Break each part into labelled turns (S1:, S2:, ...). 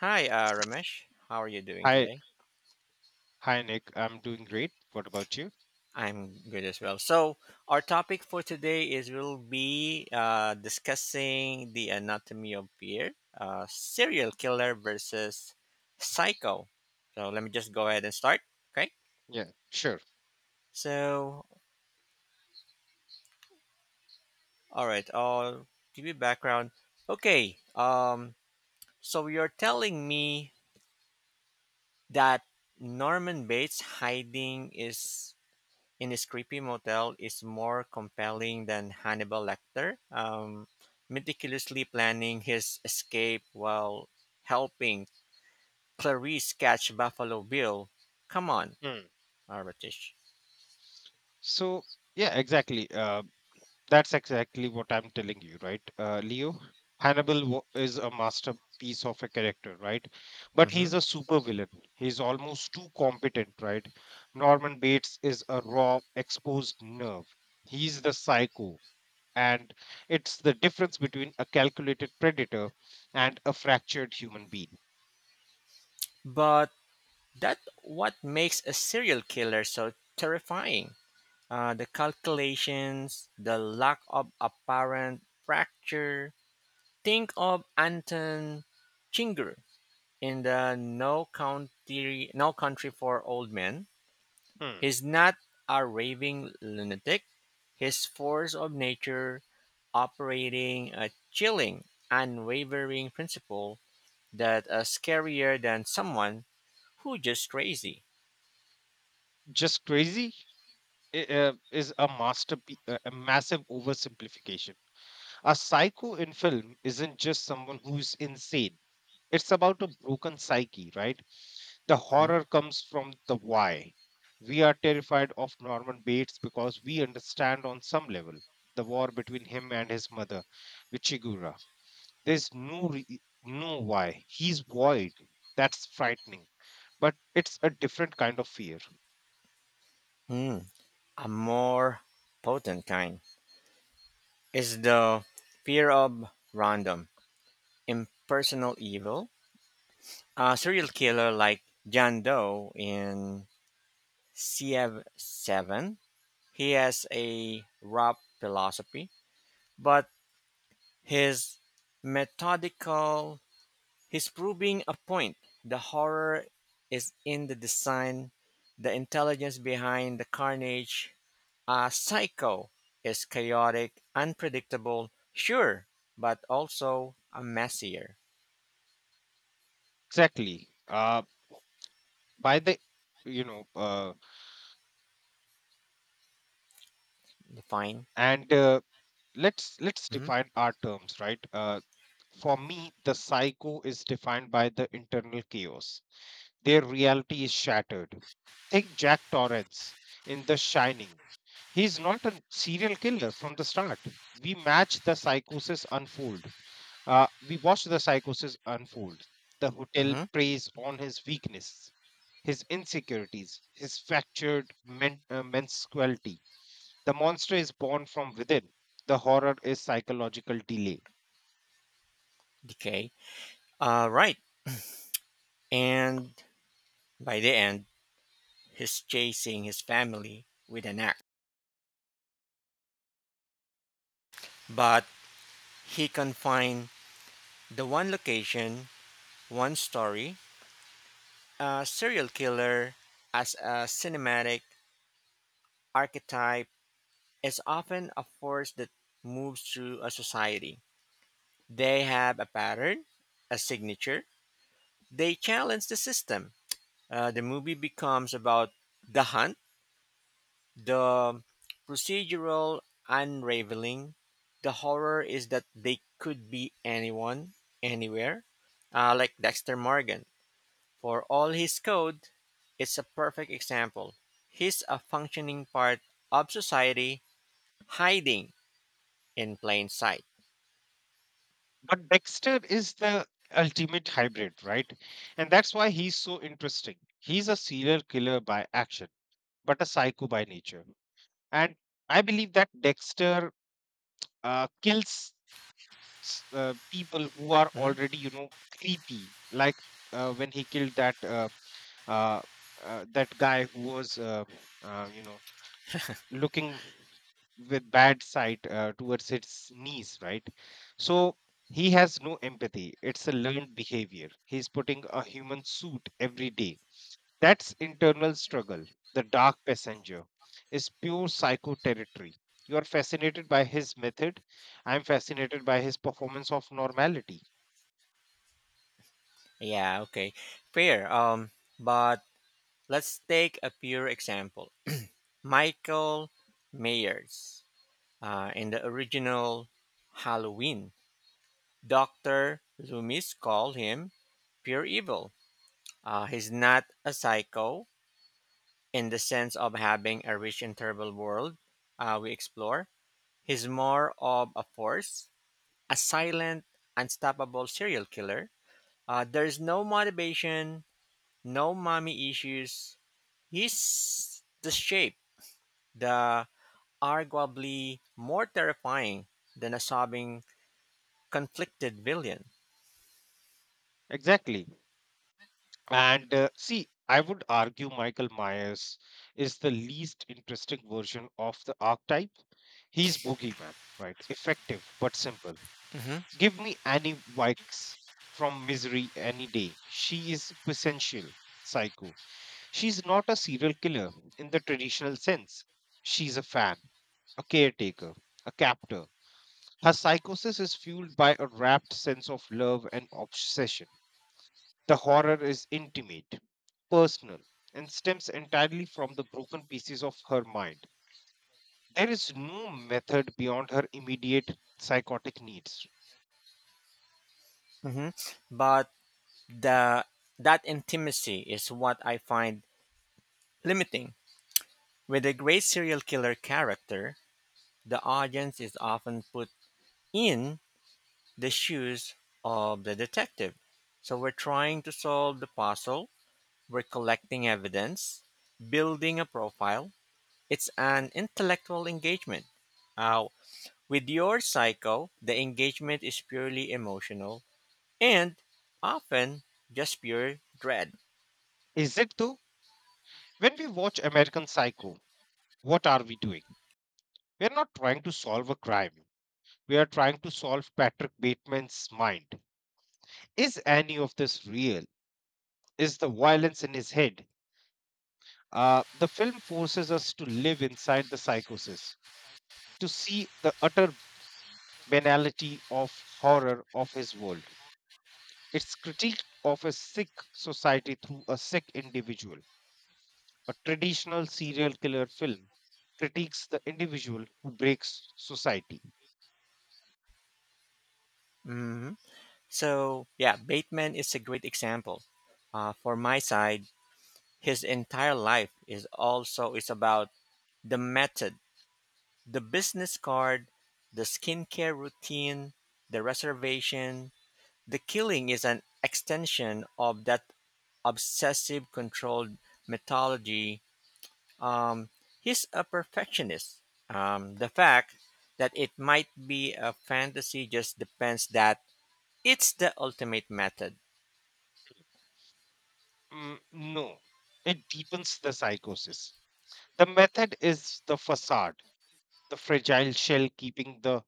S1: Hi, Ramesh. How are you doing
S2: Hi,
S1: today?
S2: hi Nick. I'm doing great. What about you?
S1: I'm good as well. Our topic for today is we'll be discussing the anatomy of fear, serial killer versus psycho. So, let me just go ahead and start. Okay.
S2: Yeah, sure.
S1: So, all right. I'll give you background. Okay. So you're telling me that Norman Bates hiding is in his creepy motel is more compelling than Hannibal Lecter, meticulously planning his escape while helping Clarice catch Buffalo Bill. Come on,
S2: Hmm.
S1: Arbatish.
S2: So, yeah, exactly. That's exactly what I'm telling you, right? Leo, Hannibal is a masterpiece of a character, right? But
S1: hmm
S2: he's a supervillain. He's almost too competent, right? Norman Bates is a raw, exposed nerve. He's the psycho. And it's the difference between a calculated predator and a fractured human being.
S1: But that's what makes a serial killer so terrifying. The calculations, the lack of apparent fracture. Think of Anton Chigurh in the No Country for Old Men.
S2: Hmm.
S1: He's not a raving lunatic. His force of nature operating a chilling, unwavering principle that is scarier than someone who just crazy.
S2: Just crazy? Is a masterpiece, a massive oversimplification. A psycho in film isn't just someone who's insane. It's about a broken psyche, right? The
S1: Hmm?
S2: horror comes from the why. We are terrified of Norman Bates because we understand on some level the war between him and his mother, Wichigura. There's no why. He's void. That's frightening, but it's a different kind of fear.
S1: Hmm. A more potent kind is the fear of random, impersonal evil. A serial killer like John Doe in CF7. He has a rap philosophy, but his methodical, he's proving a point. The horror is in the design, the intelligence behind the carnage. A psycho is chaotic, unpredictable, sure, but also a messier.
S2: Exactly. By the you know
S1: Define.
S2: and Let's
S1: Mm-hmm.
S2: define our terms, for me the psycho is defined by the internal chaos. Their reality is shattered. Take Jack Torrance in The Shining. He's not a serial killer from the start. we match the psychosis unfold we watch the psychosis unfold. The hotel
S1: Mm-hmm.
S2: preys on his weakness, his insecurities, his fractured menstruality. The monster is born from within. The horror is psychological delay.
S1: Decay. Right. And by the end, he's chasing his family with an axe. But he confined the one location, one story, a serial killer as a cinematic archetype is often a force that moves through a society. They have a pattern, a signature, they challenge the system. The movie becomes about the hunt, the procedural unraveling. The horror is that they could be anyone, anywhere, like Dexter Morgan. For all his code, it's a perfect example. He's a functioning part of society hiding in plain sight.
S2: But Dexter is the ultimate hybrid, right? And that's why he's so interesting. He's a serial killer by action, but a psycho by nature. And I believe that Dexter kills people who are
S1: Mhm.
S2: already, you know, creepy. Like when he killed uh, that guy who was, you know, looking with bad sight towards its knees, right? So he has no empathy. It's a learned behavior. He's putting a human suit every day. That's internal struggle. The dark passenger is pure psycho territory. You are fascinated by his method. I'm fascinated by his performance of normality.
S1: Yeah, okay. Fair. But let's take a pure example. Michael Myers in the original Halloween. Dr. Loomis called him pure evil. He's not a psycho in the sense of having a rich and terrible world we explore. He's more of a force, a silent, unstoppable serial killer. There's no motivation, no mommy issues. He's the shape, the arguably more terrifying than a sobbing, conflicted villain.
S2: Exactly. And see, I would argue Michael Myers is the least interesting version of the archetype. He's boogeyman, right? Effective but simple.
S1: hmm
S2: Give me Annie Wilkes from Misery any day. She is quintessential psycho. She's not a serial killer in the traditional sense. She's a fan, a caretaker, a captor. Her psychosis is fueled by a wrapped sense of love and obsession. The horror is intimate, personal, and stems entirely from the broken pieces of her mind. There is no method beyond her immediate psychotic needs.
S1: hmm But the that intimacy is what I find limiting. With a great serial killer character, the audience is often put in the shoes of the detective. So we're trying to solve the puzzle, we're collecting evidence, building a profile. It's an intellectual engagement. Uh, with your psycho, the engagement is purely emotional and often just pure dread.
S2: Is it though? When we watch American Psycho, what are we doing? We are not trying to solve a crime. We are trying to solve Patrick Bateman's mind. Is any of this real? Is the violence in his head? The film forces us to live inside the psychosis, to see the utter banality of horror of his world. It's critique of a sick society through a sick individual. A traditional serial killer film critiques the individual who breaks society.
S1: hmm So, yeah, Bateman is a great example. For my side, his entire life is also is about the method. The business card, the skincare routine, the reservation, the killing is an extension of that obsessive controlled methodology. Um, he's a perfectionist. The fact that it might be a fantasy just depends that it's the ultimate method.
S2: Mm, no, it deepens the psychosis. The method is the facade, the fragile shell keeping the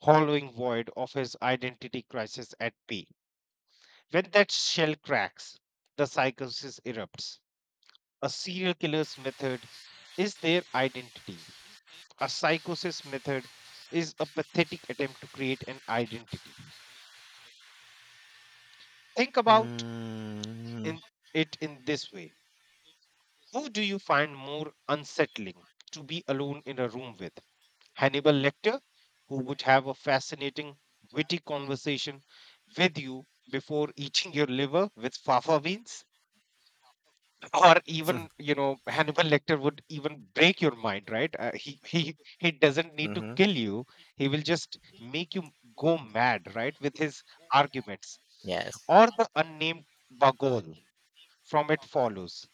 S2: hollowing void of his identity crisis at bay. When that shell cracks, the psychosis erupts. A serial killer's method is their identity. A psychosis method is a pathetic attempt to create an identity. Think about
S1: Mm.
S2: in in this way. Who do you find more unsettling to be alone in a room with? Hannibal Lecter, who would have a fascinating, witty conversation with you before eating your liver with fava beans? Or even, you know, Hannibal Lecter would even break your mind, right? He doesn't need to
S1: hmm
S2: kill you. He will just make you go mad, right, with his arguments?
S1: Yes.
S2: Or the unnamed bagol from It Follows.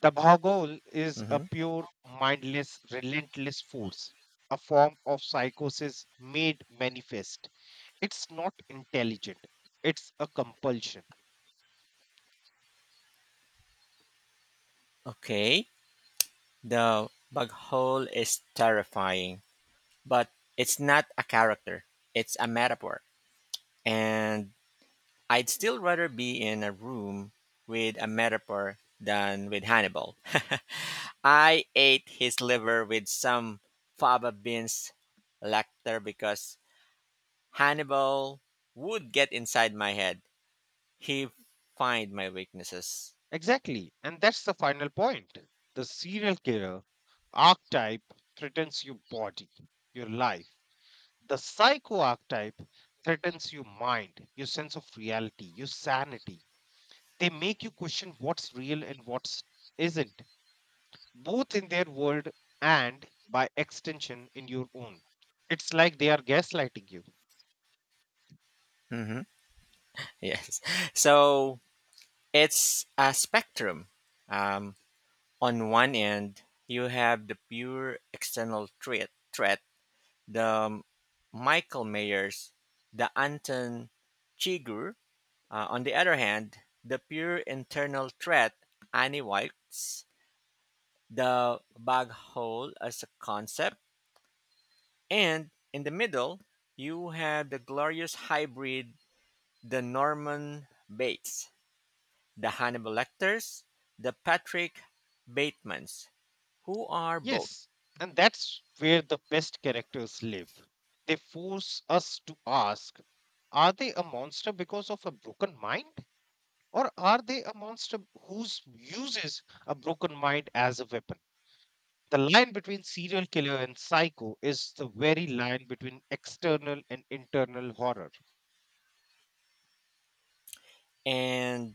S2: The bagol is a
S1: hmm
S2: pure, mindless, relentless force, a form of psychosis made manifest. It's not intelligent, it's a compulsion.
S1: Okay. The bug hole is terrifying, but it's not a character, it's a metaphor. And I'd still rather be in a room with a metaphor than with Hannibal. I ate his liver with some fava beans lecter because Hannibal would get inside my head. He find my weaknesses.
S2: Exactly. And that's the final point. The serial killer archetype threatens your body, your life. The psycho archetype threatens your mind, your sense of reality, your sanity. They make you question what's real and what's isn't, both in their world and by extension in your own. It's like they are gaslighting you.
S1: hmm Yes. So it's a spectrum. Um, on one end, you have the pure external threat the Michael Mayers, the Anton Chigurh. On the other hand, the pure internal threat, Annie White's, the bug hole as a concept. And in the middle, you have the glorious hybrid, the Norman Bates, the Hannibal Lecters, the Patrick Batemans, who are both.
S2: Yes, and that's where the best characters live. They force us to ask, are they a monster because of a broken mind? Or are they a monster who uses a broken mind as a weapon? The line between serial killer and psycho is the very line between external and internal horror.
S1: And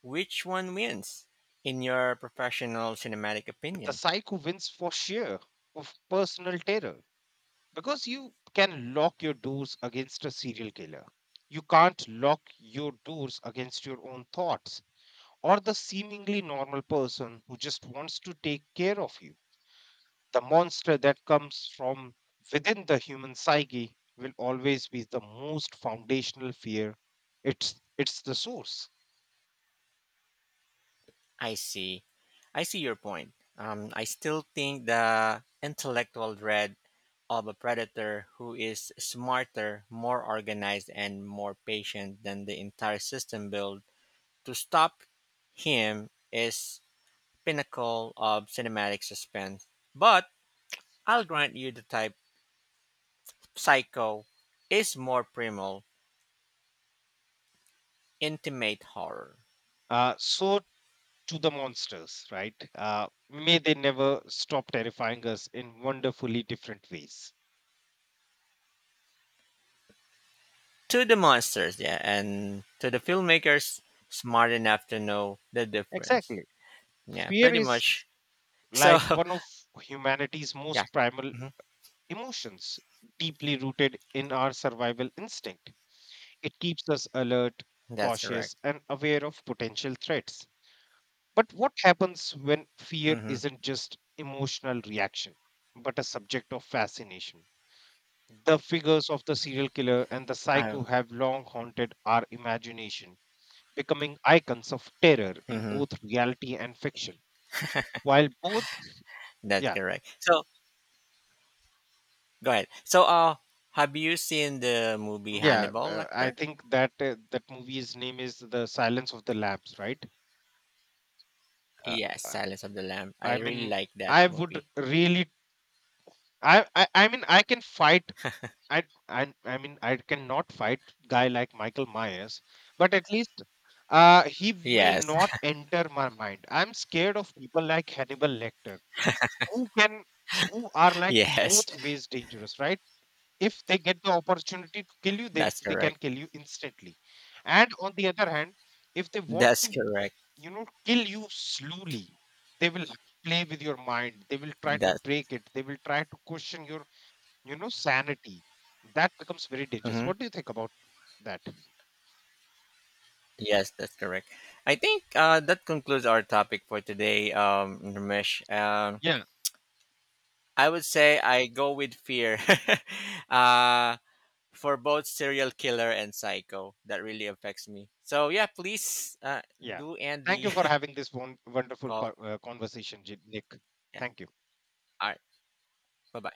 S1: which one wins in your professional cinematic
S2: The
S1: opinion?
S2: psycho wins for sheer of personal terror, because you can lock your doors against a serial killer. You can't lock your doors against your own thoughts or the seemingly normal person who just wants to take care of you. The monster that comes from within the human psyche will always be the most foundational fear. It's the source.
S1: I see. I see your point. I still think the intellectual dread of a predator who is smarter, more organized, and more patient than the entire system build to stop him is pinnacle of cinematic suspense. But I'll grant you the type psycho is more primal, intimate horror.
S2: So to the monsters, right? May they never stop terrifying us in wonderfully different ways.
S1: To the monsters, yeah, and to the filmmakers smart enough to know the difference.
S2: Exactly.
S1: Yeah,
S2: Fear
S1: pretty
S2: is
S1: much. So,
S2: like one of humanity's
S1: yeah,
S2: most primal
S1: hmm
S2: emotions, deeply rooted in our survival instinct. It keeps us alert,
S1: that's
S2: cautious,
S1: correct.
S2: and aware of potential threats. But what happens when fear
S1: Mm-hmm.
S2: isn't just emotional reaction, but a subject of fascination? The figures of the serial killer and the psycho
S1: Oh,
S2: have long haunted our imagination, becoming icons of terror in
S1: hmm
S2: both reality and fiction. While both,
S1: that's
S2: yeah,
S1: correct. So, go ahead. So, have you seen the movie
S2: Yeah,
S1: Hannibal
S2: I
S1: Lecter?
S2: think that that movie's name is The Silence of the Lambs, right? Uh,
S1: Yes,
S2: uh,
S1: Silence of the Lamb.
S2: I
S1: I really
S2: mean,
S1: like that
S2: I would
S1: movie.
S2: really, I mean, I can fight. I mean, I cannot fight guy like Michael Myers, but at least he will
S1: Yes,
S2: not enter my mind. I'm scared of people like Hannibal Lecter, who can, who are like
S1: yes,
S2: both ways dangerous, right? If they get the opportunity to kill you, they
S1: that's
S2: they can
S1: correct.
S2: kill you instantly, and on the other hand, if they want
S1: That's
S2: to,
S1: correct.
S2: you know, kill you slowly, they will play with your mind. They will try to
S1: That.
S2: break it. They will try to question your, you know, sanity. That becomes very dangerous.
S1: Mhm.
S2: What do you think about that?
S1: Yes, that's correct. I think that concludes our topic for today, Ramesh.
S2: yeah
S1: I would say I go with fear uh, for both serial killer and psycho. That really affects me. So, yeah, please
S2: yeah
S1: do end
S2: Thank
S1: the
S2: you for having this one wonderful
S1: call.
S2: conversation, Nick.
S1: Yeah.
S2: Thank you.
S1: All right. Bye bye.